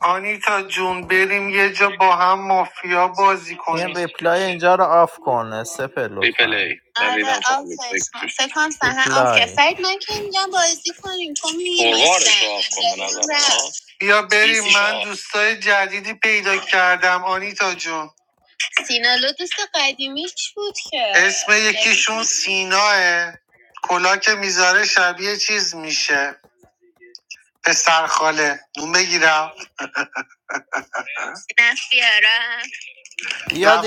آنیتا جون بریم یه جا با هم مافیا بازی این کنیم این فکر کنم فرید من که اینجا بازی کنیم تو می بیا بریم من دوستای جدیدی پیدا کردم آنیتا جون سینالو دوست قدیمیش بود که اسم یکیشون سیناه کلا که میذاره شبیه چیز میشه پسرخاله نون بگیرم نه بیارم رفت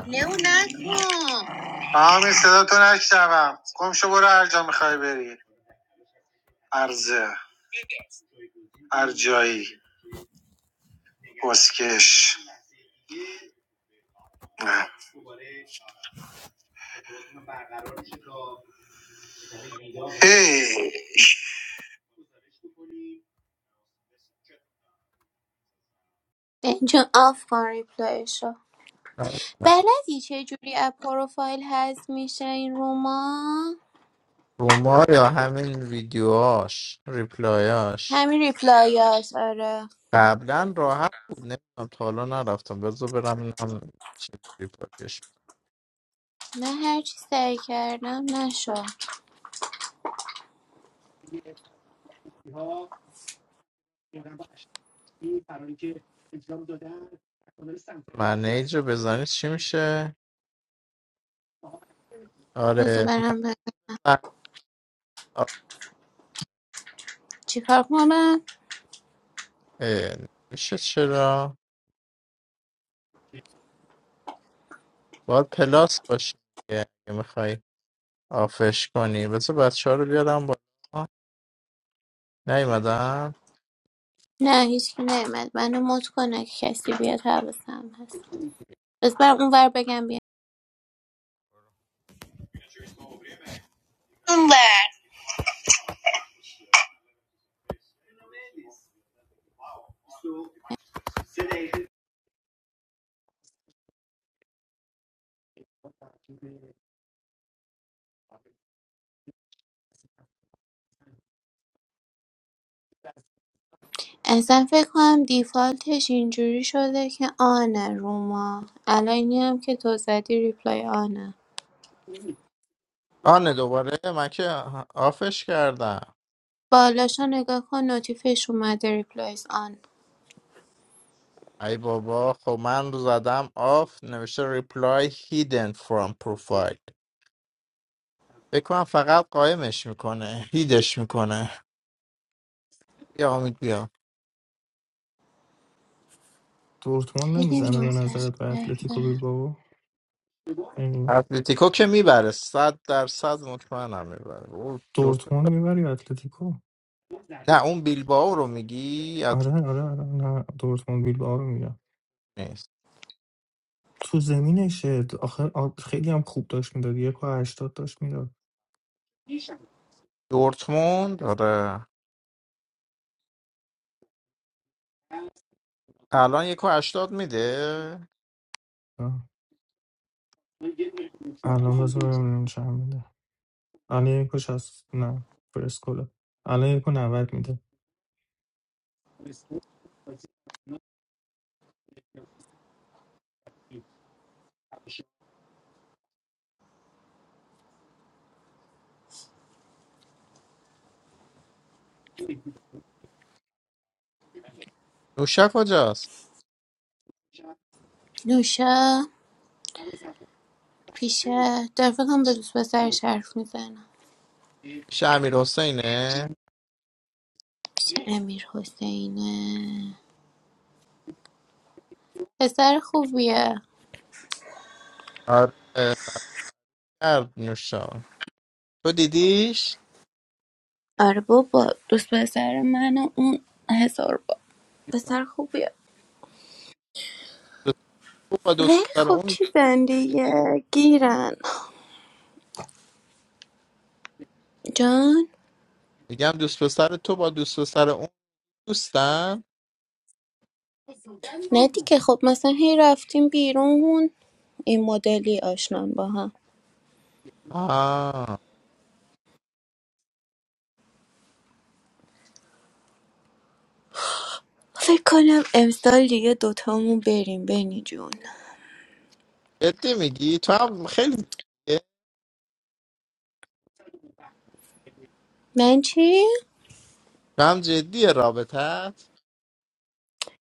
بریله و نکن همین صدا تو نشنوم گم شو برو هر جا میخوای بری ارزه هر جایی بسکش هی اینجا آف کن ریپلایشو بلدی چه جوری از پروفایل حذف میشه این روما همین ریپلایات آره نه هر چی سعی کردم نشد بذار برم برم چیکار کنم نه هیچکی نمیاد منو مت کنه که کسی بیاد حواسم هست بس برم اونور بگم بیا اصلا فکر کنم دیفالتش اینجوری شده که آنه روما الان اینی هم که تو زدی ریپلای آنه بالاشو نگاه کن نوتیفش اومده ریپلایز آن Dortmund خیلی nemizane va nazare bay مزخرفه Atletico Bilbao. Eni Dortmund mivari Atletico. Ara, ara, ara, na Dortmund Bilbao arum mide. Tu zemine shod. Akh, akh, ke diyam khub dashtin da. Diyako ashtadash mide. Allah az va mene shahmid. Allahyeko shast na perskola. Allahyeko navard mide. نوشا پیشه داره فکر به دوست پسرش حرف میزنم چه امیر حسینه پسر خوبیه آره بابا دوست پسر من و اون هزار با پسر خوبیه ولی خب چیزن دیگه گیرن جان نه دیگه خب مثلا هی رفتیم بیرون این مدلی آشنان با هم فکر کنم امسال دیگه دوتامون بریم بینی جون من چی؟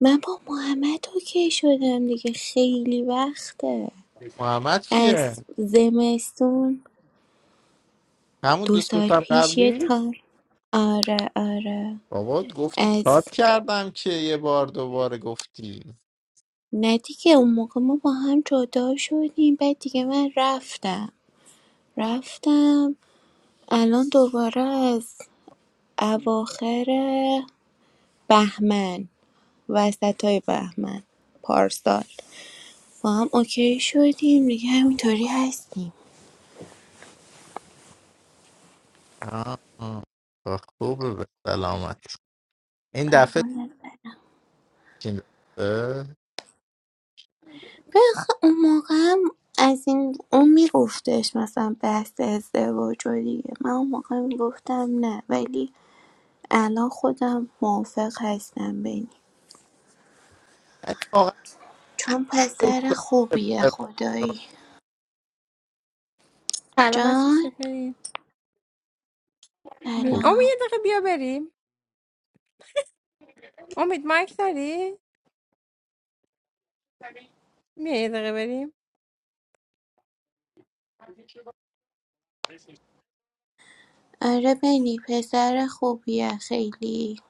من با محمد اوکی شدم دیگه خیلی وقته از زمستون دو سال پیش یه تار آره آره از نه دیگه اون موقع ما با هم جدا شدیم بعد دیگه من رفتم رفتم الان دوباره از اواخر بهمن وسط های بهمن پارسال با هم اوکی شدیم دیگه همینطوری هستیم قربونت بخ اون موقع هم از این اون میگفتش مثلا بحث ازدواج و دیگه من اون موقع میگفتم نه ولی الان خودم موافق هستم بینی چون پسر خوبیه خدایی سلام بچه جان چطوری؟ بی... امید سلام یه دقیقه بیا بریم امید مایک داری؟ بیا یه دقیقه بریم آره بینی پسر خوبیه خیلی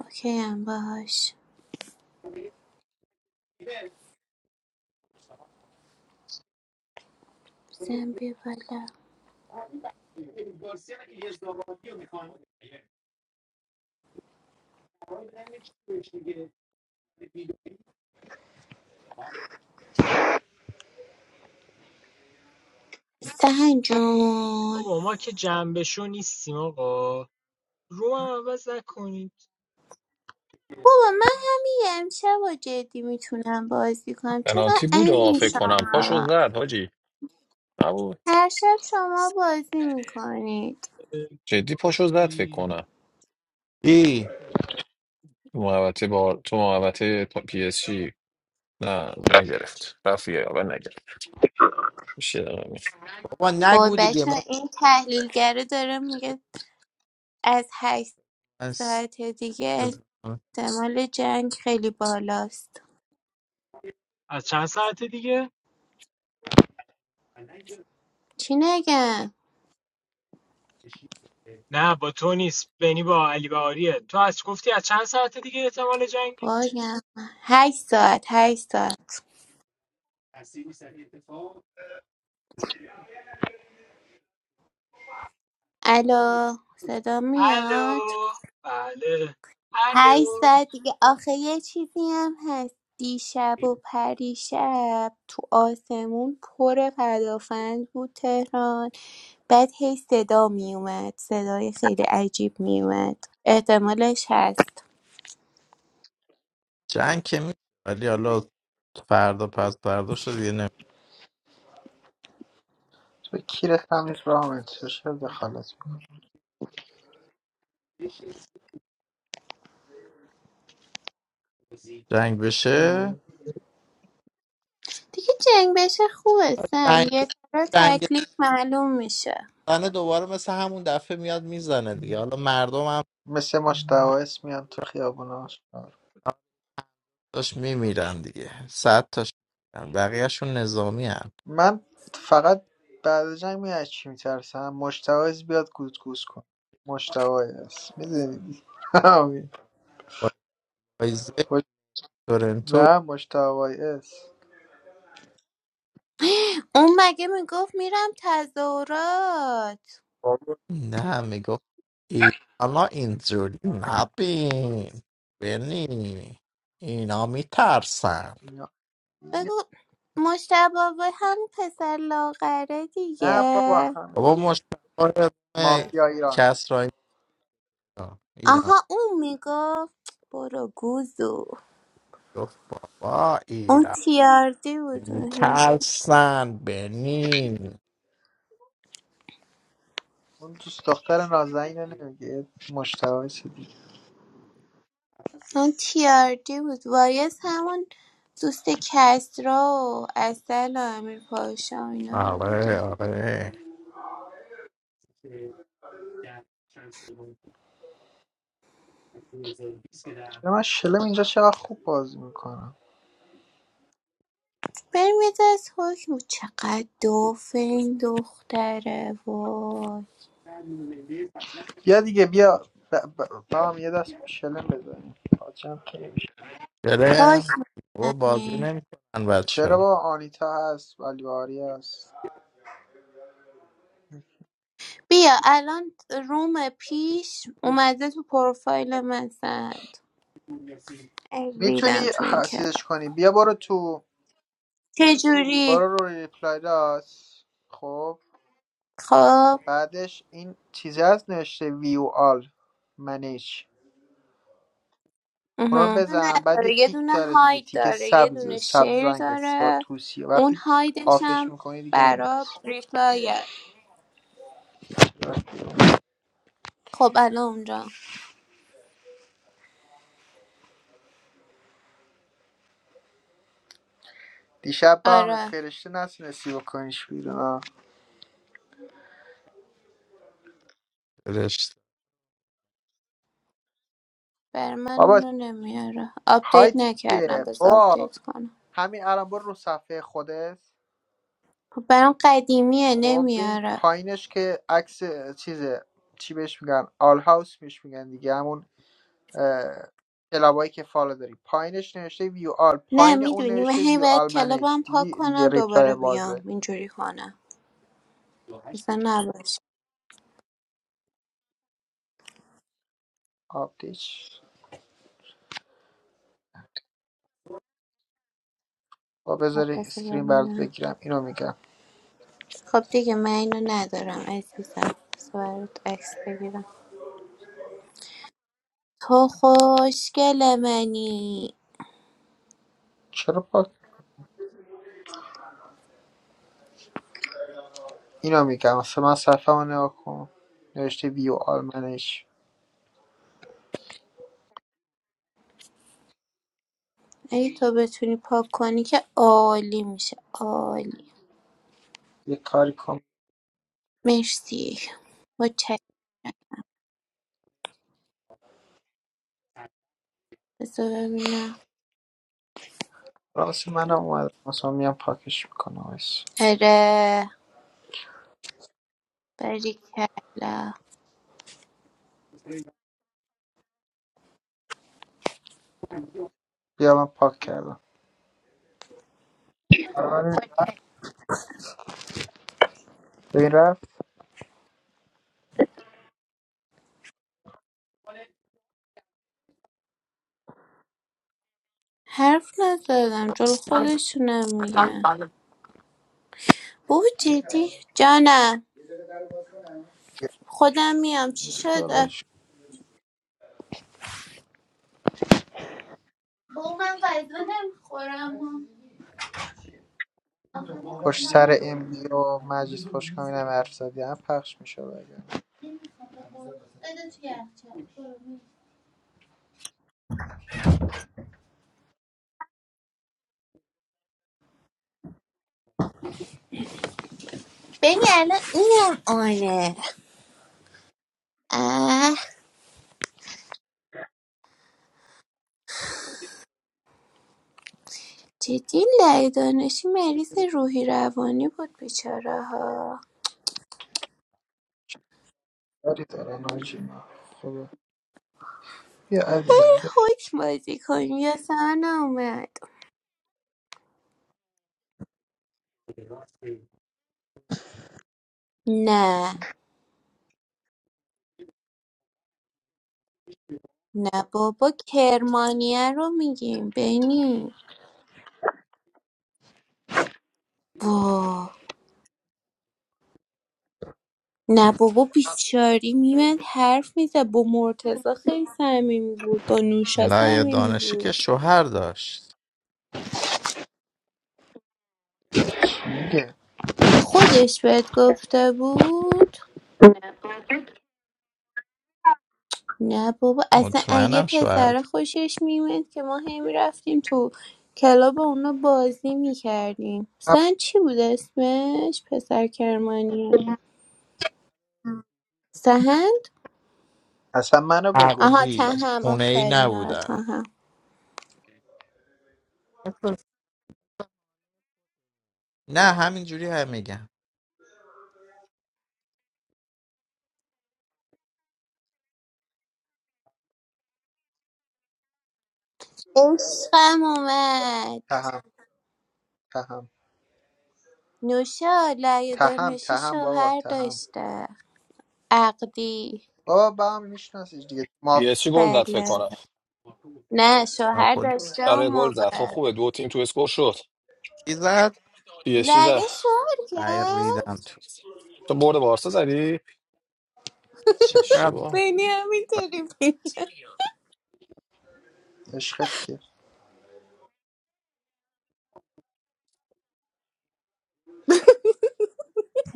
اوکی هم باش بزن بیا بالا سهن جون بابا ما که جنبه نیستیم آقا رو هم عوض نکنید بابا من همین یه امشب و جدی میتونم بازی کنم چقدر پنالتی بود آه، علیم فکر کنم پاشو شما زد حاجی نبود هر شب شما بازی میکنید جدی پاشو زد فکر راستی. کنم تو محوطه با تو محوطه پی اس جی نه نگرفت رفت یه اول نگرفت میشه وای بچه این تحلیلگره داره میگه از هشت ساعت دیگه احتمال جنگ خیلی بالاست از چند ساعت دیگه چی نگم نه با تو نیست بنی با علی بهاریه تو از گفتی از چند ساعت دیگه احتمال جنگی باگم هشت ساعت هشت ساعت الو صدا میاد الو بله هشت الو ساعت دیگه آخه یه چیزی هم هست دیشب و پریشب تو آسمون پر پدافند بود تهران بعد هی صدا میومد صدای خیلی عجیب میومد احتمالش هست تو کیرت هم نیست رامت چرا دخالت میکنی دیگه جنگ بشه خوبه سن یه طرح تکلیف معلوم میشه مثل ماش دعوایس میان تو خیابونا من فقط بعد از جنگ میاد چی میترسم مشتوایز بیاد گوزگوز کن مشتوایز میدونی نه مشتوایز اون مگه میگفت میرم تظاهرات بابا نه بگو مشتبه به هم پسر لاغره نه بابا دیگه هم مافیا ایران آها اون میگفت برو گوزو اون تیاردی بود اون هی. اون دوست دختر نازنین رو نمیگه مشتوایز دیگه اون تیاردی بود وایس همون دوست کسرا و اصل و امیر پاشا و اینا بود دیگه چرا من شلم اینجا چقدر خوب بازی میکنم بریم یه دست حکم بود. چقدر دوفه این دختره وای بیا دیگه بیا ب... ب... با هم یه دست شلم بزنیم پاچم خیلی میشه حکم بزنه. چرا با آنیتا هست ولیواری هست بیا الان روم پیش اومده تو پروفایل من سند میتونی ریدم تو این حسیزش کلاب کنی بیا برو تو چجوری برو رو ریپلای داس خب خب بعدش این چیزی هست نوشته ویو آل منیج اونو اها. نه بزن بعد یه نداره یه تیک دونه داره دیگه هاید تیک داره یه دونه سبز سبز شیر رنگ است با داره توسیه اون وقتی هایدش آفش هم میکنی دیگه نمیاد برا ریپلایه خب الان اونجا دیشب با هم آره فرشته نتونستی بکنیش بیرون آه. بر من بابا اونو نمیاره آپدیت هایت نکردم چیه بذار با آپدیت کنم همین الان برو رو صفحه خودت خب برام قدیمیه خب ببین نمیاره پایینش که عکس چیزه چی بهش میگن آل هاوس بهش میگن دیگه همون اه، کلابایی که فالو داری پایینش نوشته ویو آل نه پایین اون میدونی من نوشته هی ویو باید آل منیج کلابم پاک دیدی دیگه کنم ریپلای دوباره بیام بازه اینجوری کنم مثلا نباشه آپدیت با خب بذاری بذار اسکرین برات ببینم بگیرم اینو میگم خب دیگه من اینو ندارم عزیزم بذار برات عکس بگیرم تو خوشگل منی چرا پاک اینو میگم اصلا من صفحه رو نگاه کن نوشته ویو آل منیج اگه تو بتونی پاک کنی که عالی میشه عالی یه کاری کن مرسی متشکرم بذار ببینم راستی منم اومد مثلا میام پاکش میکنم وایس اره کلا بیا من پاک کردم آره. ببین رفت حرف نزدم جل خودشونم میگن بابا جدی جانم خودم میام چی یه شده فلاش بابا من غذا نمیخورم پشت سر ام بی و مجید خوشکامی هم حرف زدی هم پخش میشد اگر ببین الان اینم آنه اه جدی لعه دانشی مریض روحی روانی بود بیچاره ها داری داره ناجی خب بیا عزیزم بیا حکم بازی کنی یا سنا اومد نه نه بابا کرمانیه رو میگیم بینی وا نه بابا بیچاری میمد حرف میزد با مرتزا خیلی صمیمی بود با نوشا صمیمی بود دیگه خودش بهت گفته بود نه بابا اصلا اگه پسر خوشش میومد که ما هی میرفتیم تو کلاب و اونا بازی میکردیم اپ- سن چی بود اسمش پسر کرمانی سهند اصلا منو بگو آها اصلا تهم آفرین آره تهم عشقم اومد تهم تهم نوشا لعی تهم دانشی تهم بابا شوهر تهم داشته عقدی بابا با هم میشناسیش دیگه پی ماف اس جی گل زد فکر بله کنم نه شوهر داشته اون آره گل زد خب موقع خوبه دو تیم تو اسکور شد پی اس جی لگه زد شوهر کرد تو برد بارسا زدی اشتباه بینی همینطوری عشقت کیه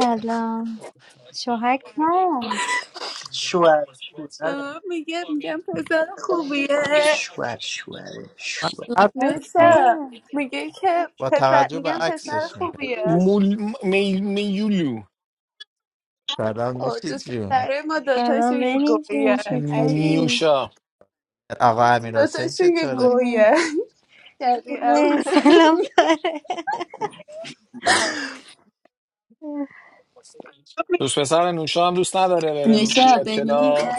سلام شوهر کرد شوهر به شوهره من میگه میگم پسر خوبیه شوهر شوهره شوهر بچه. نوشا میگه که پسر میگم پسر خوبیه مول می... میولو او دوست پسره ما دوتاشو سلام یه بنی گوین جون علی چطوری نیوشا دوتاشو یه سلام گوین خوبه شبیهم سلام داره دوست پسر نوشا هم دوست نداره بره نوشا بیاد بینی میگه کلا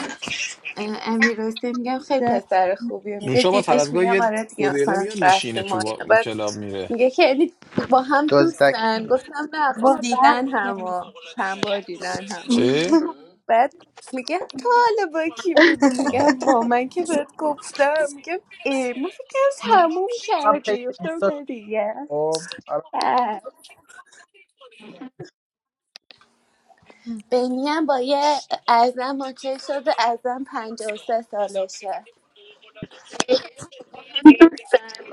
اه، امیر حسین میگم خیلی جان پسر خوبیه میگه نوشا با دیدیش طلبگاه میگم یه آره دو دیگه دقیقه مثلا میاد میشینه رفته تو مایه با... بعد کلاب میره میگه که یعنی با هم دزدک دوستن گفتم نه خب با دیدن وقت همو چند بار دیدن همو چه؟ بعد میگه تو حالا با کی بودی آه. میگم با من که بهت گفتم میگم ای من فکرم اینو تموم من پیج کردی گفتم اینستاش نه دیگه خب الان بعد بینی با یه ازم اوکی شده ازم پنج و سه سالشه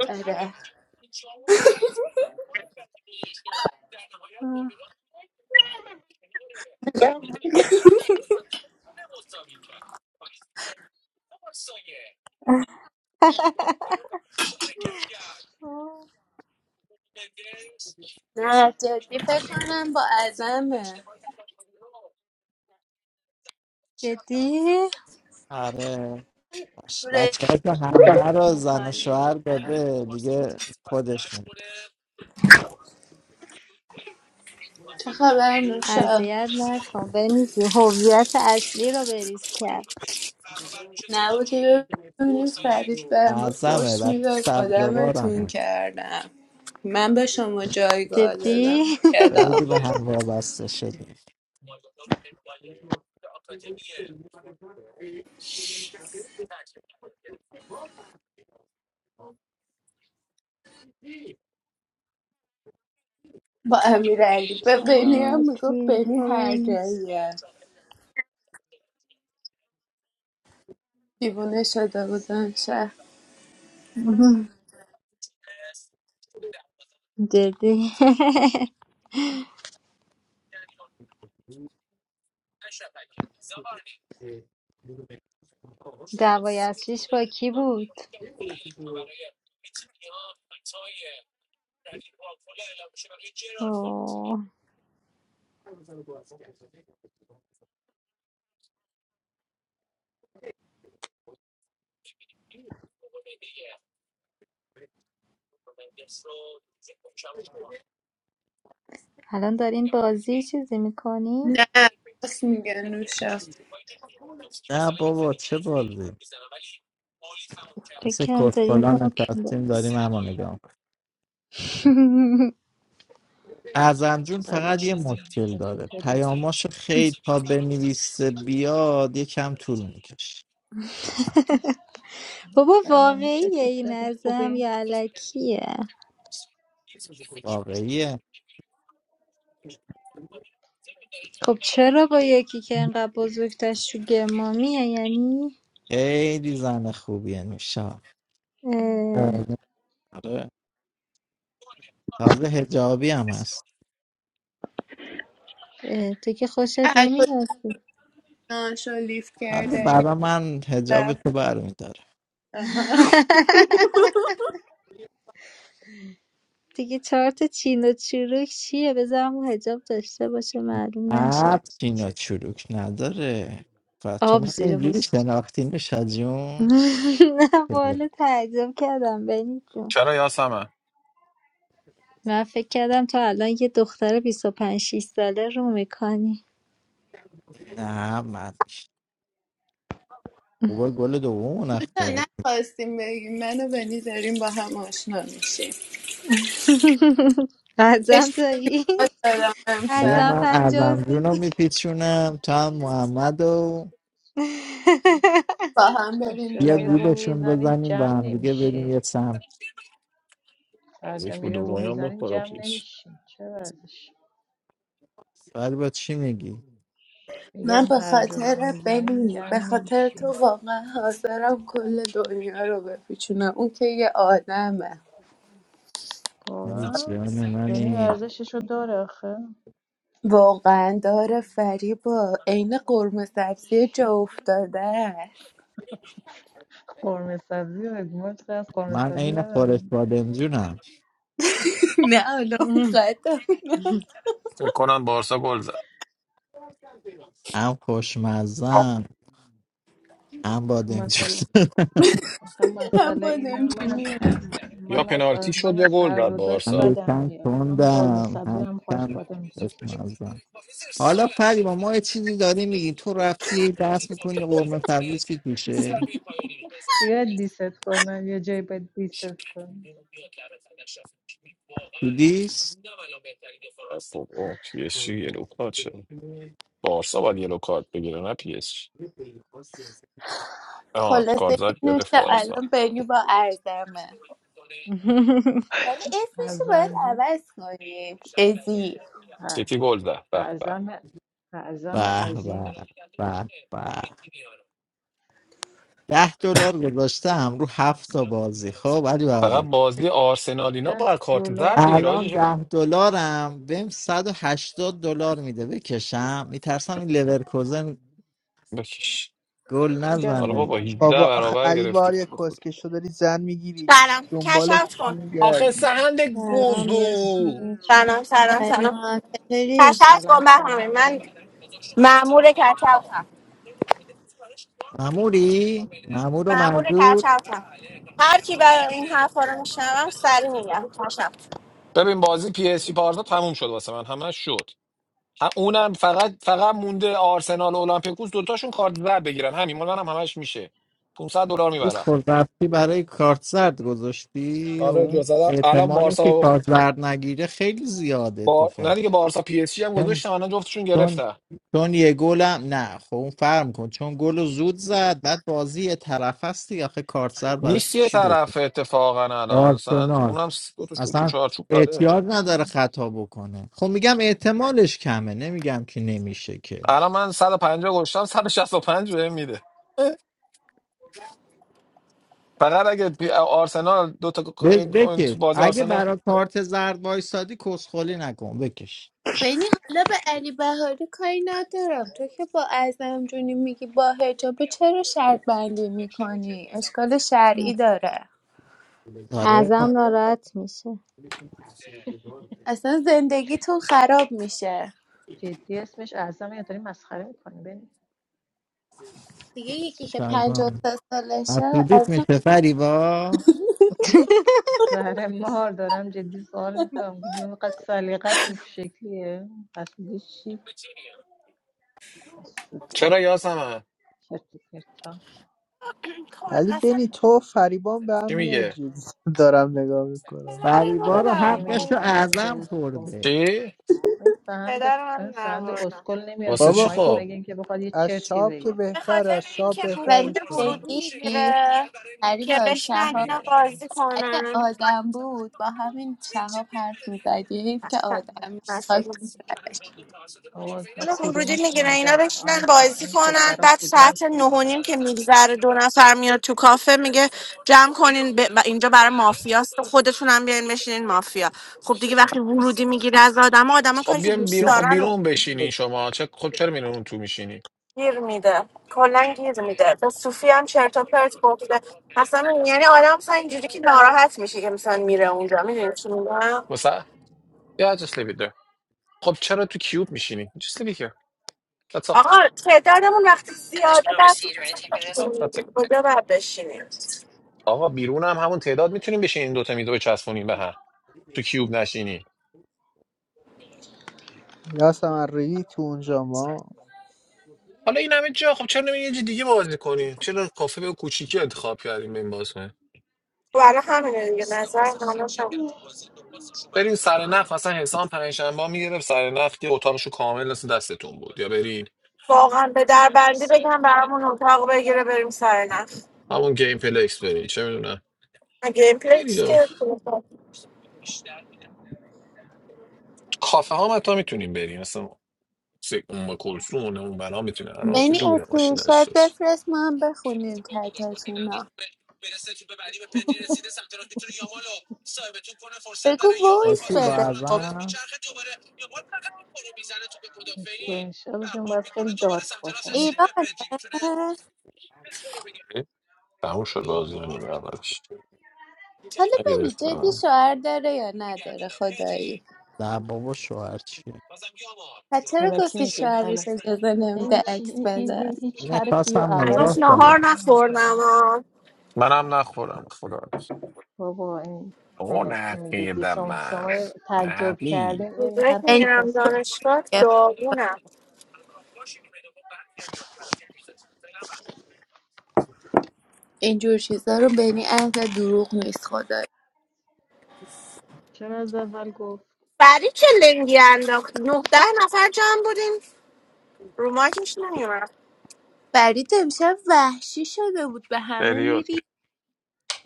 آره نه جدی فکر کنم با ازمه جدی پوره میکنی چه خبر نوشا اذیت نکن بنی جون هویت اصلی رو بریز کرد نبودی ببینی فرید به ما فرش میداد آدمتون کردم من به شما جایگاه دادم جدی تو کلاس با امیرعلی به بینی هم میگفت سلامتی بینی خدای هر نیست جاییه دیوونه شده بودن شه جدی دعوای اصلیش با کی بود الان دارین بازی چیزی میکنی؟ نه راست میگه نوشا فکرم دارین حکم با- سلام موشا چطوری؟ بابا سلام موشا واقعیه این چطوری؟ ازم خوبی؟ یا علکیه خب چرا با یکی که انقدر بزرگتش تو گرمامیه یعنی اه، اه، تو که خوشت هر نمیاد کجا لیفت کرده گرفت آها. دیگه چهار تا چین و چروک چیه بذارم اون حجاب داشته باشه معلوم نشه آب زیر پوست نه والا تعجب کردم بنی جون چرا یاسمن من فکر کردم تو الان یه دختر 25 6 ساله رو میکنی نه نخواستیم بگیم من و بنی داریم با هم آشنا میشیم ازم اشتباه داری دارم امشب ازم پنجاه و سه با هم پس بریم چرا یه جلو روم میزنید جمع نمیشین؟ هر از جا یک بود میرین روم دومی هم میزنین بخورا جمع پیش نمیشین چه ازش؟ من میگم به هر جا روم خاطر میزنین بنی جمع به خاطر تو نمیشین واقعا حاضرم کل دنیا رو بپیچونم اون که یه آدمه واقعا؟ بینی ارزششو داره آخه واقعا داره فریبا عین قرمه سبزی جا افتاده است قرمه سبزی و حکومت از قرمه سبزی بدم نه حالا مقدم نه فکر کنم بارسا گل زد مسئله آخه هم مسئله اینه من از بادمجونیه ه- یا من از پنالتی شد من یا از گل هر زد دو داش بارسا بدم میاد هم قرمه سبزی هم خواهش بادم دیگه دیست کنن یه جایی باید دیست کنن خب اوه، پی اس جی یلو کارت شد بارسا باید یلو کارت بگیره نه پی اس جی آه خلاصه که کارزاد نوشه گرفت بارسا الان بنی با ارزمه ولی اسمش رو باید ازم جو، عوض کنیم ازی سیتی گل زد به به اعظم اعظم عظیم فقط بازی آرسنال اینا ده با کارت زرد دلار بگیره. آجی شکر بکش گم حالا بابا بزن 18 بابا آخه برابر علی گرفتی بار یه خوب خوده کسکش رو داری زن میگیری سلام دنبالش کشف چی کن آخه میگردی سهند سلام سلام یه گوزو سوچو سلام سلام سلام سلام چطوری کشف سلام کن سلام بهمه من سلام معمور کشفتم معمور کشفتم هر کی برای این حرفا رو میشنوم سری میگم کشف ببین بازی پی اس جی بارسا تموم شد واسه من همه شد هم- اونم فقط فقط مونده آرسنال و اولمپیکوس دوتاشون کارت زرد بگیرن همین مال منم همش میشه 500 دلار میبرم آره جزدم الان بارسا با نه دیگه بارسا پی اس جی هم گذاشتن الان جفتشون گرفتن نیست یه طرف اتفاقا الان مثلا اونم س- دو تا شوت تو چارچوب داره الان من 150 گذاشتم 165 بهم میده فقط اگه بی- آرسنال دو تا ق- این اون تو بازی آرسنال ببین حالا به علی بهاری کاری ندارم تو که با ازم جونی میگی با حجابه چرا شرط بندی میکنی اشکال شرعی داره ازم ناراحت میشه اصلا زندگیتون خراب میشه جدی اسمش اعظم یا داری مسخره میکنی بنی دیگه یکی که پنجاه و سه سالشه اصلا زهر مار دارم جدی سوال میکنم اینقدر سلیقت این شکلیه حسودی چی حسودی چرا یاسمن چرت و پرتا خب، علی اصلا بینی تو و فریبان به هم چی میای میگه جز دارم نگاه میکنم پدر ما رو در چی میگی آوردن. سنده اسکو چی این سند پدر این من در سند آوردن. اسکل نمیاد رو واسه بابا چی مایک خب خب مگه اینکه بخواد یه از چرتی شاب که بگه به بهتر خاطر از شاب اینکه بو بهتر ولی پول نیست ورودی بینی جدی میگیره که با بشنن چی شهاب اینا داریم بازی اگه کنن آدم بود با همین شهاب حرف میزدی حیف که آدم خاک تو سرش. آقا اینا پول ورودی کدومشون میگیرن اینا آدمن بشینن آنیتا بازی این کنن پسرا بعد ساعت کدومشون نه و نیم که آدمن میگذره دو نفر میاد تو کافه میگه جمع کنین ب... ب- اینجا برای مافیاست خودتون هم بیاین بشینین مافیا خب دیگه وقتی ورودی میگیره از آدم آدم خب کاری که بیام دوست بیرون خب دارن رو بیرون بشینین شما چه خب چرا میرین اون تو میشینی گیر میده کلا گیر میده به صوفی هم چرت و پرت گفته مثلا یعنی آدم مثلا اینجوری که ناراحت میشه که مثلا میره اونجا میدونی چی میگم واسه یا just leave it there. خب چرا تو کیوب میشینی just leave it here. That's all. آقا تعدادمون وقتی زیاده بعد تو البته کجا باید بشینیم آقا بیرون هم همون تعداد میتونیم بشین این دوتا میدو بچسبونیم به هم تو کیوب نشینی یا سمرقی تو اونجا ما حالا این همه جا خب چرا نمی‌ری یه جای دیگه بازی کنی چرا کافه به کوچیکی انتخاب کردیم به این بازی کنیم؟ برای همینه دیگه نظر منم هم. برین سر نخ مثلا حسام پنجشنبه میگرفت سر نخ که اتاقشو کامل مثل دستتون بود یا برین واقعا به دربندی بگم برامون اتاق بگیره بریم سر نخ همون گیم پلکس برین چه میدونم گیم پلیکس برین که کافه ها هم حتی میتونیم بریم مثلا سه- اون با کلسون اون بنا میتونه الان بین دوره اسکرین ماشین شات بفرست ما هم بخونیم چتاتون بگو وایس بده خب مسکن شادشون باید خیلی دارک باشن ایرانه تموم شد بازی میگردش حالا ببینی جدی نگرفتم شوهر داره یا نداره خدایی و چرا الکی گفتی میگه شوهرش الکی اجازه این نمیده چی عکس این, این بده این هیچ حرفی و اولش هنوز نهار الکی میگه نخوردم آه. منم نخورم خدا بابا این آقا الکی میگه دی نقیدم شما من شما تعجب نقی کردین این روزایی که یعنی حرفشو میرم پس گرفت دانشگاه داغونم اینجور چیزا رو بینی اهل دروغ نیست خدایی چرا از اول گفت فرید چه لنگی انداخت نهده نفر جمع بودیم رو ماکش نمیومد فرید امشب وحشی شده بود به همه خیلی میری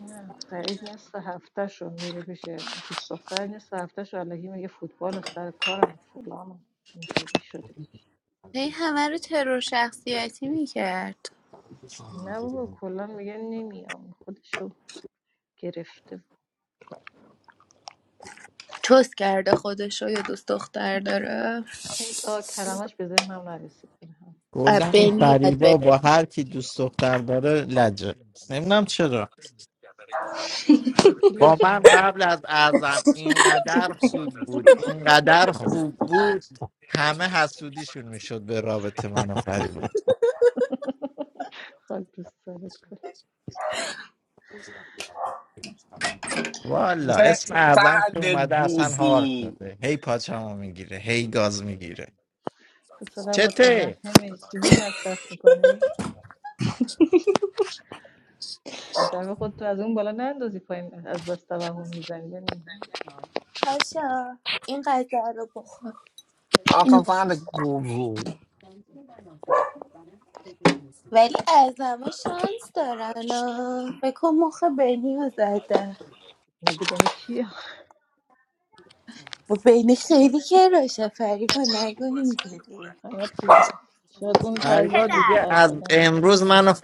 نه فرید نصف هفتهشو میره پیش دوست دختر نصف هفتهشو الکی میگه فوتبال و سر کارم و فلانم اینطوری شده دیگه. هی همه رو ترور شخصیتی میکرد نه بابا کلا میگه نمیام خودشو گرفته چوس کرده خودشو یا دوست دختر داره اون آه، کلمش به ذهنم نرسید هم اه، بنی یاد بگیر. پاکیلا جان من خاک دوست دارت کن یه- سهل گوزو تو چقدر متوهمه چیزی مصرف میکنی دم خود تو از اون بالا نندازی پایین از بس توهم میزنی یعنی پاشا این غذا رو بخور اینو بخور ولی از همه شانس دارن آه. فکر کن مخ بینی رو زده مگه بین کی و بینی خیلی که راشه فریبا نگو اینجوری حالت بیره شاید اون بی وضعش پدر بهتر شده اون بهتره.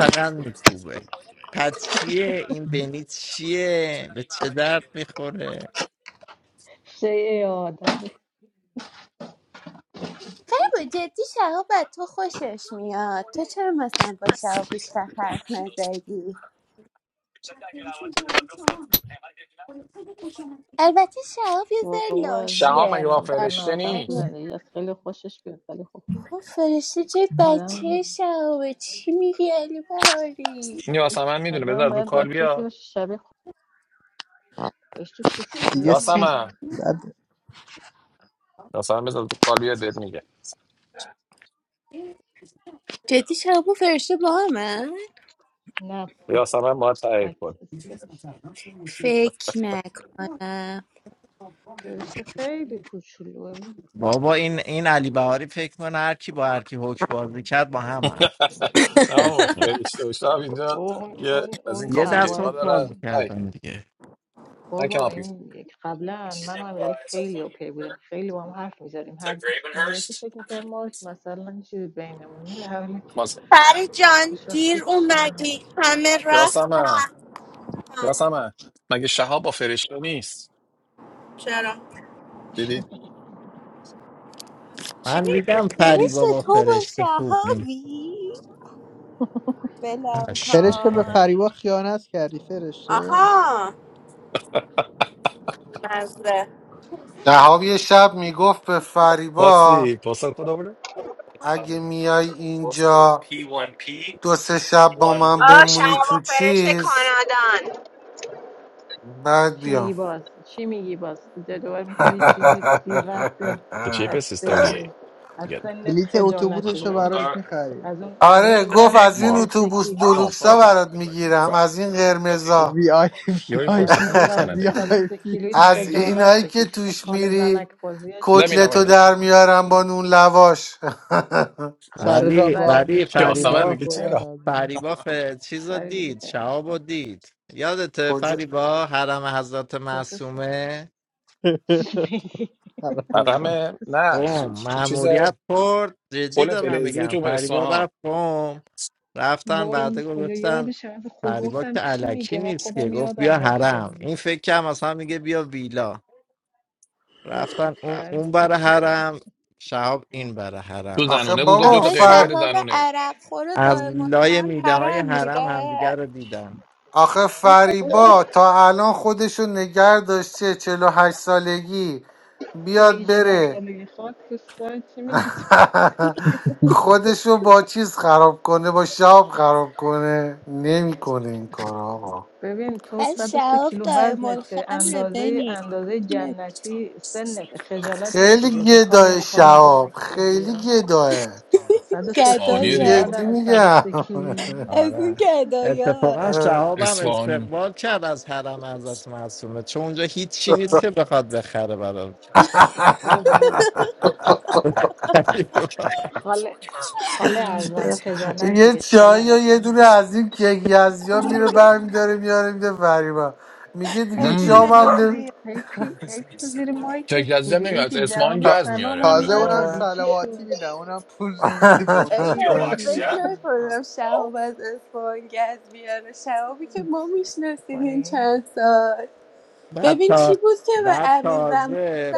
شیء آدم با جدی شهاب از تو خوشش میاد تو چرا مثلا با شهاب بیشتر حرف نزدی البته شهاب یه ذره بابا شهاب عزیزم لاشیه مگه با به درد ممکنه فرشته آدم بخور تو نیست. نیست زندگی از خیلی خوشش بیاد ولی خب بابا فرشته جای آدم بچه شهابه چی میگی علی بهاری این یاسمن میدونه آدم بذار از رو باید با کال کسی بیا باشه شبیه خود فرشته دیگه کوچولو سین نبا- یاسمن بعد- یاسمن بذار از رو کال بیا بهت میگه جدی شهاب و فرشته با همه نه با یاسمن باید تایید بچه کن فرشته فکر نکنم فرشته خیلی کوچولوه نه بابا، فرشته و شهاب اینجا اون یه اون از این اون کافه گیم ها اول دارن اون های نه کن بابا آپی این یک- قبلا من و امیرعلی خیلی اوکی بودیم خیلی با هم حرف میزدیم هر کی میرسه فکر میکرد ما مثلا چیزی بینمون نه در حالی ماسه فرید جان هیچ وقت دیر چی اومدی همه رفتن یاسمن یاسمن مگه شهاب با فرشته نیست چرا دیدی چی میگی فرشت تو با شهابی بلم فرشته به کن فریبا خیانت کردی فرشته آها مزه شهاب یه شب میگفت به What's فریبا the postal code over there? اگه میای اینجا دو سه شب با من بمونی تو چیز بعد چی میگی بیام باز چی میگی باز دیگه دوباره میخواد یه چیزی بی رفت بیاد The cheapest is دست 38 دیگه to از get. there. سنت بلیت خجالت بکش اتوبوسش از رو اون هی- براش میخرید از اون از آره اون گفت وزن از این tomorrow 103 اتوبوس tomorrow کیلو No, دولوکسا Friday. برات Sorry. میگیرم از این قرمزا وی آی You're in از person. I اون will sign a وزن وی day. آی 103 پی کیلویت از خجالت اینایی که بکش این توش خال زنک میری بازی let me know چیه کتلتو when در میارم با نون لواش خاک سر تو را با سرت هم یک خاک شامی تو هم یاسمن میگه سرت میخورن چرا از این. فریده به دل نخور کجا کجا شو چی میگی رقم خاک حرام. تو سرت. نه چ- چیز پل فلزی تو اصفهان وای این کجا یادش رفت خود گفتم چی میگه من خودم یادم رفته بود خاک تو سرت تو آخه زنونه بود گفت دو بابا تا آخه قیمه فر بده شهاب زنونه عرق خور و دائم الخمر حرام میره آخه اون که فریبا تا الان خودشو نگر داشته چهل و هشت سالگی چی میگی بیاد 48 بره سالگی خاک تو سرت چی میگی تو خودشو با چیز خراب کنه با شاب خراب کنه نمیکنه این کار آقا ببین تو بس 103 شهاب کیلو دائم وزنته الخمره اندازه بنی اندازه نمی- جنتی سنت خجالت خیلی نمیکشی از این خاله گدای خاله شاب زنک خوزی خیلی ها گداه 103 اصفهانیه کیلویی گدایه دیگه جدی آدم میگم 103 کیلویی از این گدایا اصفهانی آه. خاله خاله ازم خجالت یه بکش خاله چای یا یه ازم دونه از این کیک یزیا میره برمیداره میاره میده فریبا میگه دیگه از مم. این شام هم نمی- نصری هی پی, هی پی تو زیر تک مایکت لزیزم بودی هی نمیاد از پی اصفهان جواب تا- گز میاره همراه تازه سلامم خودش اونم ندادی اه. چی سلواتی شد میدم اونم پول نمیدی بونج هی الهی، پی فکر نکنم شهاب از اسفان گز بیاره شهابی که ما میشناسیم این میکنی چند سال ببین چی بود که به امیر زمان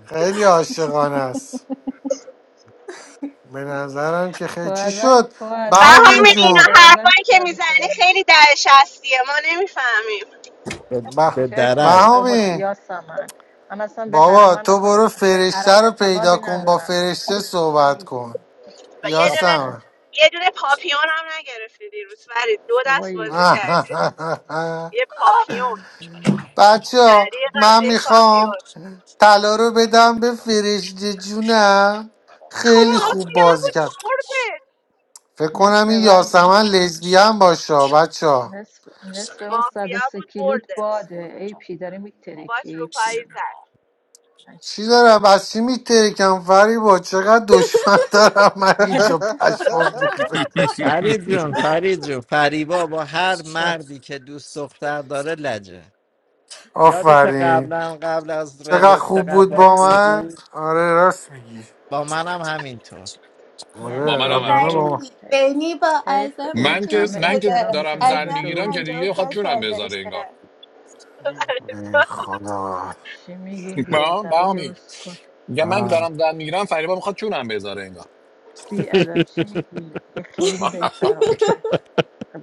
خیلی عاشقانه است به نظرم که تو خیلی چی ازم شد تو ازم بهام بهامین چیکار اینا جون تو ازم حرفایی که چیکار میزنی میکنی خیلی در شستیه ما نمیفهمیم به چرت میگه بابا بهامین سیاسم من من اصلا به حرم بابا من تو اصلا برو به فرشته حرم رو پیدا اعتقادی کن با ندارم فرشته چی صحبت میگه کن و یه دونه نپا بس یاسم یه دونه پاپیون هم نگرفتی دیروز فرید دو دست بازی بابایی کردی یه پاپیون بچه ها دریق از من یک میخوام پاپیون طلا رو بدم به فرشته جونم خیلی خوب بازی کرد فکر نصف کنم این وزن یاسمن لزبیان باشه بچه ها نصف, نصف اون یا 103 بود کیلویت بردت باده ای پی داره میترکی ای پی چی دارم از چی میترکم فری با چقدر دشمن دارم من اینجا پشمام ریخته آفرین چقدر خوب بود با من آره راست میگی یعنی با آره منم حیف قبلا همینطور با حیف من ولی حیف بینی با حیف ازم اون من اوکی که همه من که شده احترامی که دارم من زن به ازم تو میگیرم که پنجاه و دیگه گذاشتم خواهد سه ای چونم پی بذاره انگار سالشه ای خدا چی میگیم ما بیادب های بهامی اسکل میگم من که دارم زن میگیرم فریبا میخواد چونم بذاره انگار بیادب چی میگی یه خیلی داری فرام میگی.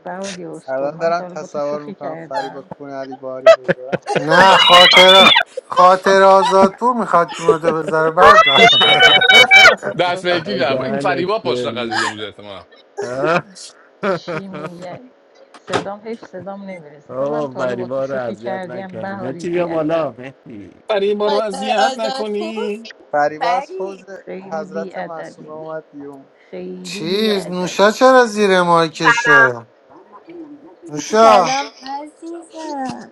بعد یه اسکل الان من دارم تا حالا با تو تصور شوخی میکنم فریبا کردم کون علی باری بذارم نه خاطر خاطر آزادپور میخواد که مدو بذاره بعد دست به یکی کرد این فریبا پشت قضیه بوده احتمالا چی میگی؟ صدام حیف صدام نمیرسه اصلا من تا حالا با تو شوخی کردیم بهاری بیادب فریبا رو خاطر اذیت آزادپور نکنی فریبا از حوز فرید خیلی حضرت معصومه بیادبین اومد بیرون خیلی چیز نوشا چرا بیادبین زیر مایکشه نوشا سلام عزیزم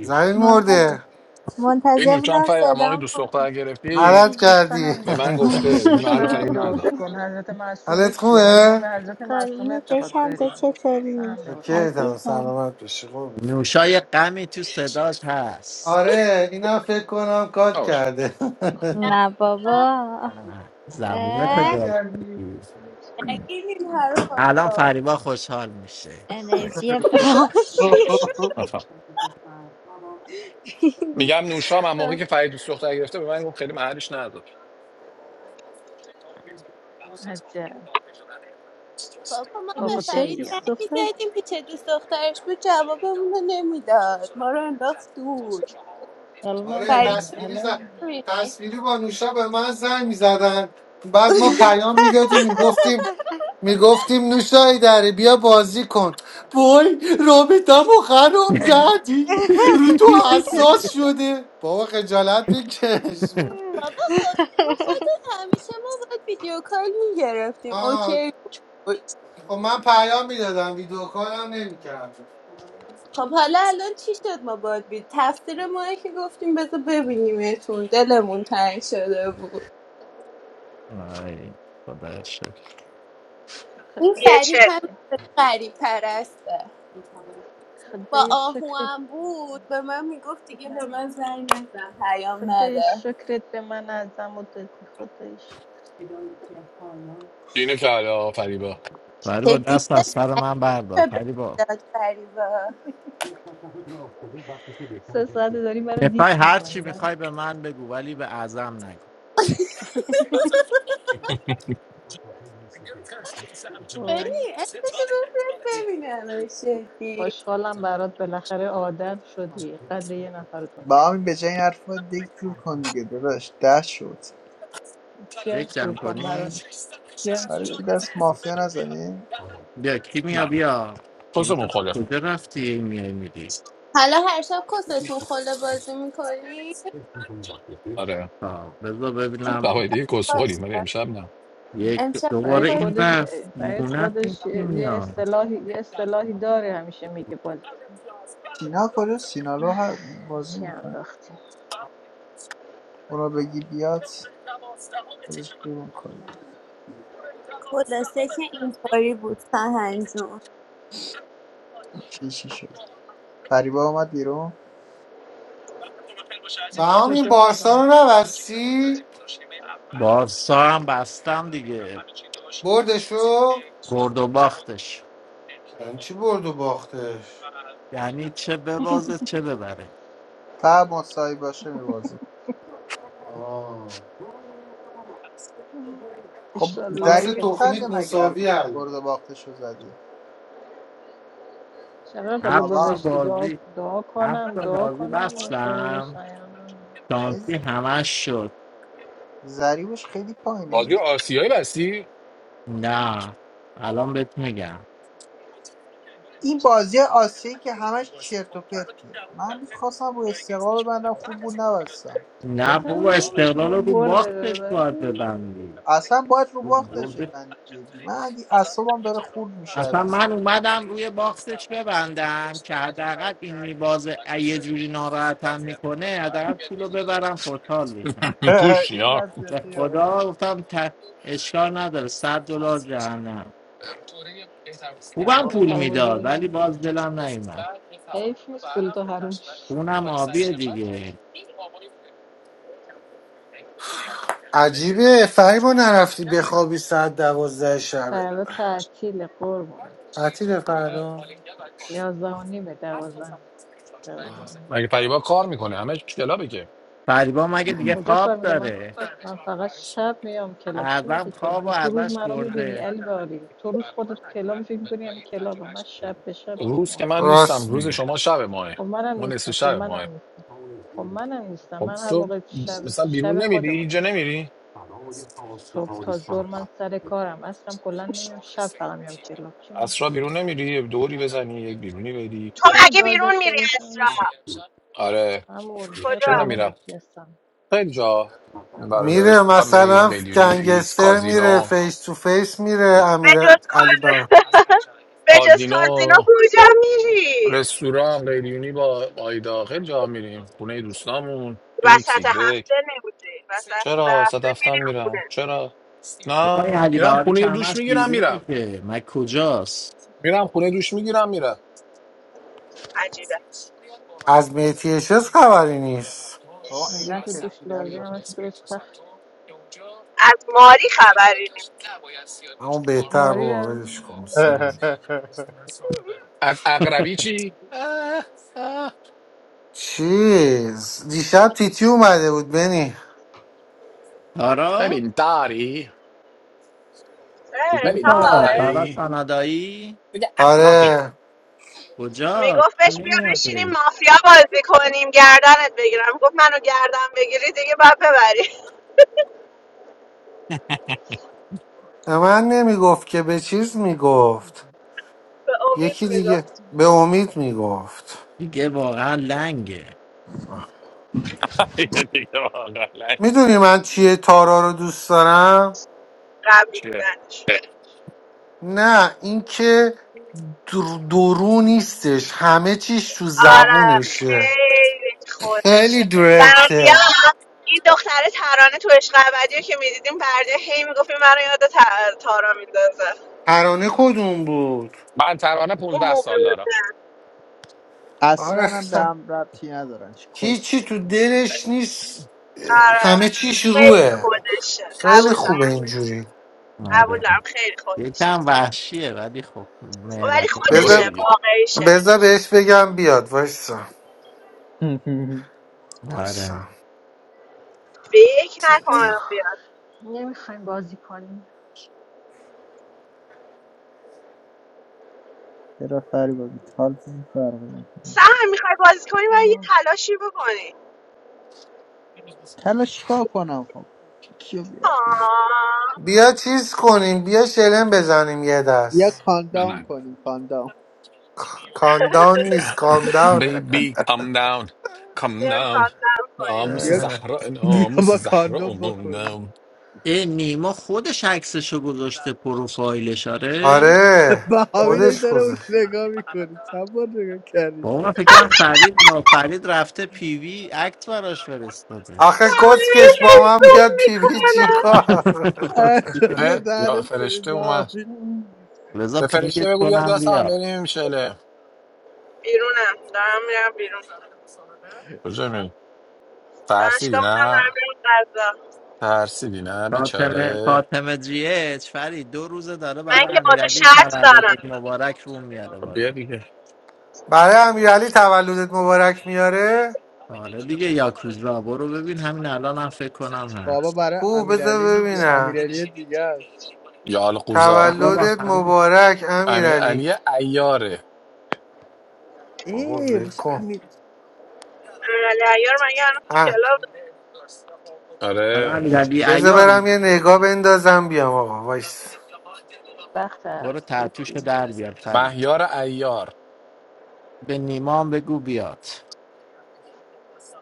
زمین منتظر خود مرده منتظر این چند بودم فری اما صدام دوست کنی دختر گرفتی غلط عزیزم قصه کردی به من هم گفته این قصه محل فرید هم درست نذار کن حضرت معصومه حالت کیه مگه ما خوبه؟ به حضرت معصومه قربونت اعتقاد بشم تو داریم قصه چطوری هم درست چکه کن عزیزم سلامت باشی قربون آره اینم فکر کنم کات باش کرده نه نه بابا بابا بعد اه برگردی نگین این حرفا رو. بریم. انرژی باشی آفرین. میگم نوشام هم که بس فرید دوست دختر گرفته به من گفت خیلی محلش نذار عجب بابا ما به عقده نوشه فرید ای زنگ دوست دختر میزدیم پیش دوست دخترش بود جوابمون رو نمیداد ما رو انداخت دور الان آره فرید همینه تصویری زد الان رو می‌بینی. تصویری با نوشا به من زنگ میزدن بعد ما پیام میدادیم میگفتیم میگفتیم نوشای دره بیا بازی کن بای رابطم و خراب کردی رو تو حساس شده بابا خجالت بکش بابا خب تو خودت همیشه ما باید ویدیو کال میگرفتیم آه اوکی خب من پیام میدادم ویدیو کارم نمیکردم خب حالا الان چی شد ما باید بید تقصیر ماه که گفتیم بذار ببینیمتون دلمون تنگ شده بود این خدای یه چه فرید هم شکرت غریب پرسته با خدای آهو شکرت هم بود به من میگفت به دیگه به من من زنگ نزن پیام خدای نده شکرت به من ازم و دادی خدای شکر اینه که حالا فریبا چه دید سعی به داد فریبا سه ساعته داری مرا دیس میکنی من ببین او اسمشو بفرست ببینم شدی خوشحالم برات بالاخره آدم شدی قدر یه نفر با دونست همین به جای این حرف دیگه جور کن دیگه داداش ده شد جنس جور کن براش جنس آره جور که کن دست مافیا نزنی نه پسمون حالا هر شب کستون خله بازی میکنی آره فوایدی کسخوریم ولی باشه امشب نه امشب فرید خودش یه- فرید خودش یه یه اصطلاحی یه اصطلاحی داره همیشه میگه باز سینا کجاست سینالو هم بازی چی میکنه انداختی اونو بگی بیاد خودش شروع میکنه خلاصه که اینطوری بود سهن جون چی چی شد فریبا اومد بیرون به از همین کجا اومدم بارسا رو نبستی بردشو یعنی چی برد و باختش تا مصاحی باشه میبازه آه. خب شانس انشالله ضریبش که چنده تخمیت مصطفی مگه الان مساوی الان برد و باختشو زدی چقدر بالا آبا گذاشتی دعا, دعا کنم دعا کنم مصاحبه شایانم آی ز- ضریبش خیلی پایینه بازی این آسیایی بستی این بازی آسیایی که همش چرت و پرته من هنوز خواستم رو استقلال ببندم خوب بود نبستم یعنی قبول و برده اصلا باید رو باختش بندی جدی من اگه اعصابم داره خورد میشه از پوش این یا منطقی ها قبول داریم حیف نیست پول تو حروم عجیبه فریبا نرفتی بخوابی ساعت دوازده شبه فردا تعطیله قربونت تعطیل فردا فردا یازده و نیمه دوازده دوازده و نیمه. مگه فریبا کار میکنه همه کلابه که کجا کار میکنم من من فقط شب میام کلاب چی میگی تو من تو روز من رو میبینی الباری تو روز خودت کلابی فکر میکنی همه کلاب هم. من شب به شب میام روز که آخه. من نیستم راست روز میگه شما شب ماه خب منم ما نصف نیستم خب شب منم ماه نیستم خب منم نیستم خب من هر تو موقع شب مثلا شب بیرون نمیری اینجا خودمونم نمیری صبح تا ظهر من سر کارم اصلا کلا نمیام شب فقط میام کلاب چی میگی اصرا بیرون نمیری یه دوری بزنی یه بیرونی بدی تو چرا اگه گار بیرون داشته میری اسرا باشم آره همون ای چون کجا نمیرم قربونت هستم خیلی جا برای میره رستوران میریم مثلا قلیونی ایکس گنگستر میره کازینو فیس تو فیس میره امیر بجز علی بابا بجز کازینو کازینو کجا میری رستوران قیریونی با آیدا خیلی جا میریم خونه دوستامون ایکس وسط ایگرگ هفته نبودی وسط چرا صد هفته هفتم میری میرم خونه چرا نه میرم خونه دوش میگیرم میرم میرم خونه دوش میگیرم میرم عجیبه از میتی چیز خبری نیست بابا اگه تو عینک دوش رسیده علی بابا. لازمش تو استخر از ماری خبری نیست اما بهتر ماری بابا رو ولش کن از اقربی چی اه، اه. چیز دیشب تیتی اومده بود بنی ببین داری اه، تا ببین آقا داری آره میگفتش بیا بشینیم مافیا بازی کنیم گردنت بگیرم گفت منو گردن بگیری دیگه بعد ببری به من نمیگفت که به چیز میگفت یکی دیگه به امید میگفت میدونی من چیه تارا رو دوست دارم نه اینکه در- درو نیستش همه چیش تو زبونشه خیلی خودشه بردیا درکته این دختره ترانه تو عشق ابدی رو که میدیدیم بردیا هی میگفت این منو یاد تا- تارا میندازه ترانه کدوم بود من ترانه اون 15 موبیل سال دارم آره اصلا هم به خ- هم ربطی ندارن چی کس هیچی تو دلش نیست آره همه چیش خیلی روه خودشه خیلی قبول خوبه دارم اینجوری قبول دارم خیلی خودشه ولی لوره خودشه بذار دیگه واقعیشه بذار بهش بگم بیاد وایسا وایسا فکر نکنم بیاد نمیخوایم بازی کنیم چرا فریبا بیت حال چیزی فرقی میکنه سهر میخوای بازی کنی و یه ما- تلاشی بکنی حالا چیکار کنم خب کیو بیا آه بیا چیز کنیم بیا شلم بزنیم یه بیا دست کاندام منم کنیم کاندام کاندان نیست کامداونه بیبی کام داون کام بیا داون کاتم کنی ناموس بیا اه. زهرا بیا ناموس با زهرا کاندام بکنیم اومونم آره با همین این خودش داره اون گذاشت رو نگاه میکنی چند بار نگاه کردی شد آخه سهمیه کسکش با من حیوان بیاد پیوی میکنه چیکار خدا اه، یا دهنت سریز فرشته اومد به فرشته بگو بیاد دست هم بریم شله بیرونم دارم میرم بیرون کجا میری؟ ترسیدی دانشگاه بودم دارم نه میرم غذا ترسیدی نه بیچاره من که با تو شرط دارم خب بیا دیگه برای امیرعلی تولدت مبارک میاره بابا برای کو امیرعلی بذار نیست ببینم امیرعلی دیگه است یا القوزا تولدت مبارک امیر امیرعلی علی ایاره بابا ای ول کن واسه امیرعلی عیار مگه الان تو اه، کلاب آره بذار برم یه نگاه بندازم بیام آقا وایس وقت است یکی مهیار ایار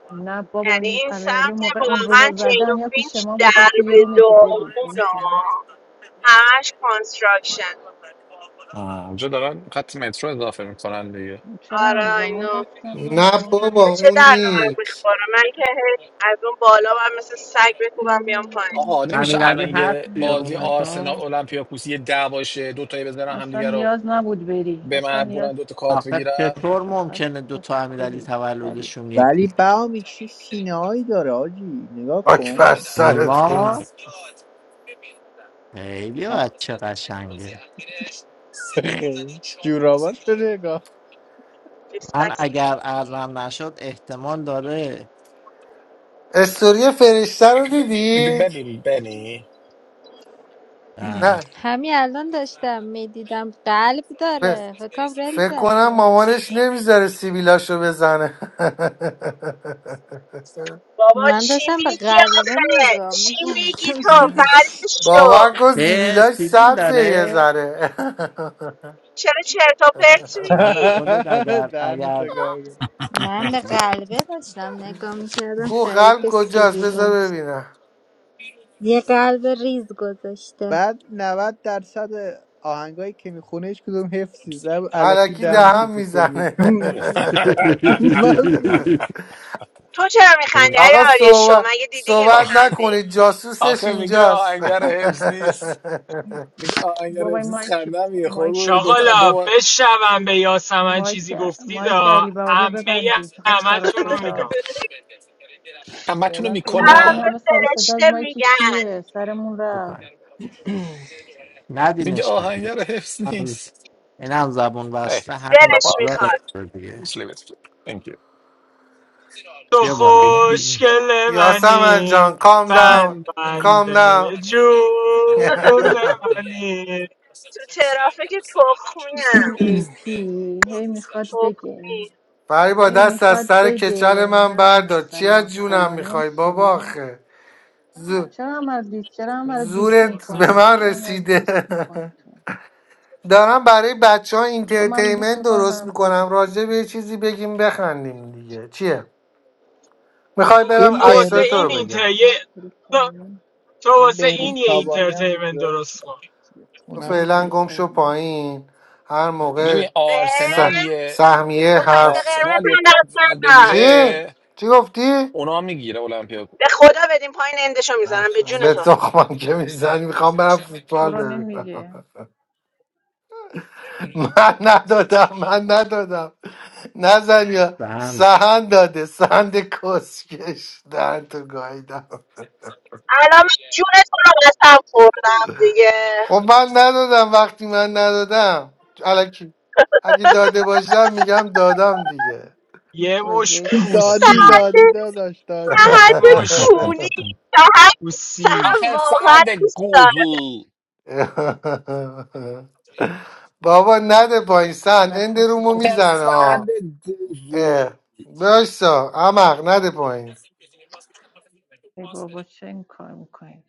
نه بابا یعنی اون این امیرعلی سمت موقع اون واقعا رومو چین و زدن یا پیش فینچ ما بود یا در تو یه به روم دیگه بود اون داغونه کنار همش کانستراکشن آه، اونجا دارن خط مترو اضافه میکنن دیگه چرا آره همزمان اینو رفتن همه نه با بابا هم به چه اون در نیست میخوره من که از اون بالا من مثل سگ بکوبم بیام بینی، پایین بینی، آقا نمیشه بینی، الان یه بینی. بازی آرسنال اولمپیاکوس یه دعواشه دو تایی بزنن اصلا همدیگه رو نیاز نبود بری به اصلا مرگ نیاز برن دوتا کارت بگیرن فقط مسکلی سری ولی بهامی چه سینه هایی داره آجی نگاه خاک بر کن سرت کنم خیلی جوراباش رو نگاه Disgusting. استوری فرشته رو میگه دیدید؟ ببین بنی نه همین الان داشتم میدیدم قلب ف- داره فکرم رل فکر کنم زده مامانش نمیذاره سیبیلاشو بزنه بابا من چی داشتم به میگی قلبه آخه نگاه چی میگی میکردم تو فرد شو باور کن سیبیلاش سبزه یه ذره چرا چرت و پرت میگی دهنتو گایده من به قلبه داشتم نگاه میکردم کو فرید قلب به کجاست سیبیلون بذار ببینم یه قلب ریز گذاشته بعد 90 درصد آهنگایی که میخونه هیچ کدوم حفظی زب علکی علکی دهنش رو دهم تکون میده میزنه من- تو چرا میخندی ای آقا آریا شو صحبت مگه دیدی که صحبت آخ- میخندی نکنید جاسوسش آخه میگه اینجاست آهنگر حفظ نیست میگه آهنگر بابای حفظ این نیست مایک خندم میگه خب دو مایک تا دو شاغالا بار بشنوم به یاسمن مایک چیزی گفتی مایک دا علی بهاری رو امه ببندی چقدر سر و همتون رو میگم صداست همه تونو فعلا تو این برو دارم این میکنم به همه سر و صدا از فرشته مایک میگن کیه سرمون رفت میگه آهنگر حفظ نیست ای دلش بابا میخواد تو ببین خوشگل یاسمن منی جان کام این داون بند بند کام داون. جون منی تو ترافیک تخمیم این ای پی هی میخواد بگه تخمی فریبا هی دست از میخواد سر کچل بگه من من بردار چی مثلا از جونم فلانیم میخوای بابا شما آخه زو- چرا من دیس چرا من رو دیس زورت به میکنی من چرا من رو رسیده دیس میکنی تو دارم برای بچه ها تو من رو دیس اینترتیمنت میکنی درست منم تو رو میکنم دیس میکنم راجع به یه چیزی بگیم بخندیم دیگه چیه؟ میخوای برم این تو واسه عکسای بهروز تو این رو اینتر بگم یه- تو انتلتینمنت تو این واسه بهروز این یه تابانی انتلتینمنت هم اینترتیمنت داشت درست کن تو اونم خوب فعلا گم شو انتلتینمنت پایین هر موقع ببین س- آرسنال اه، یه سهمیه رو خط حرف قرمز آرسنال یه هم کارت دست زرد ندار چی؟ بگیره چی گفتی؟ اونا میگیره به اولمپیاکوس خدا بدیم پایین اندشو میزنم به جون به تو تخمم که میزنی میخوام برم تو فوتبال رو ببینم نمیگه من ندادم من ندادم نزن یا سهند داده سهند کسکش دهن تو گاییدم الان من جون تو رو قسم خوردم دیگه خب من ندادم وقتی من ندادم الکی اگه داده باشم میگم دادم دیگه یه مش بازی دادی پوسی سهد دادی داداش دادی سهد مش کونی سهد پوسی سهد آخه واقعا سند دوست گوزو بابا نده پایین سهند چقدر اند رومو آخه خوششون میزنه ها سند گوزو اه. باشا عمق نده ای بابا چه این کار میکنین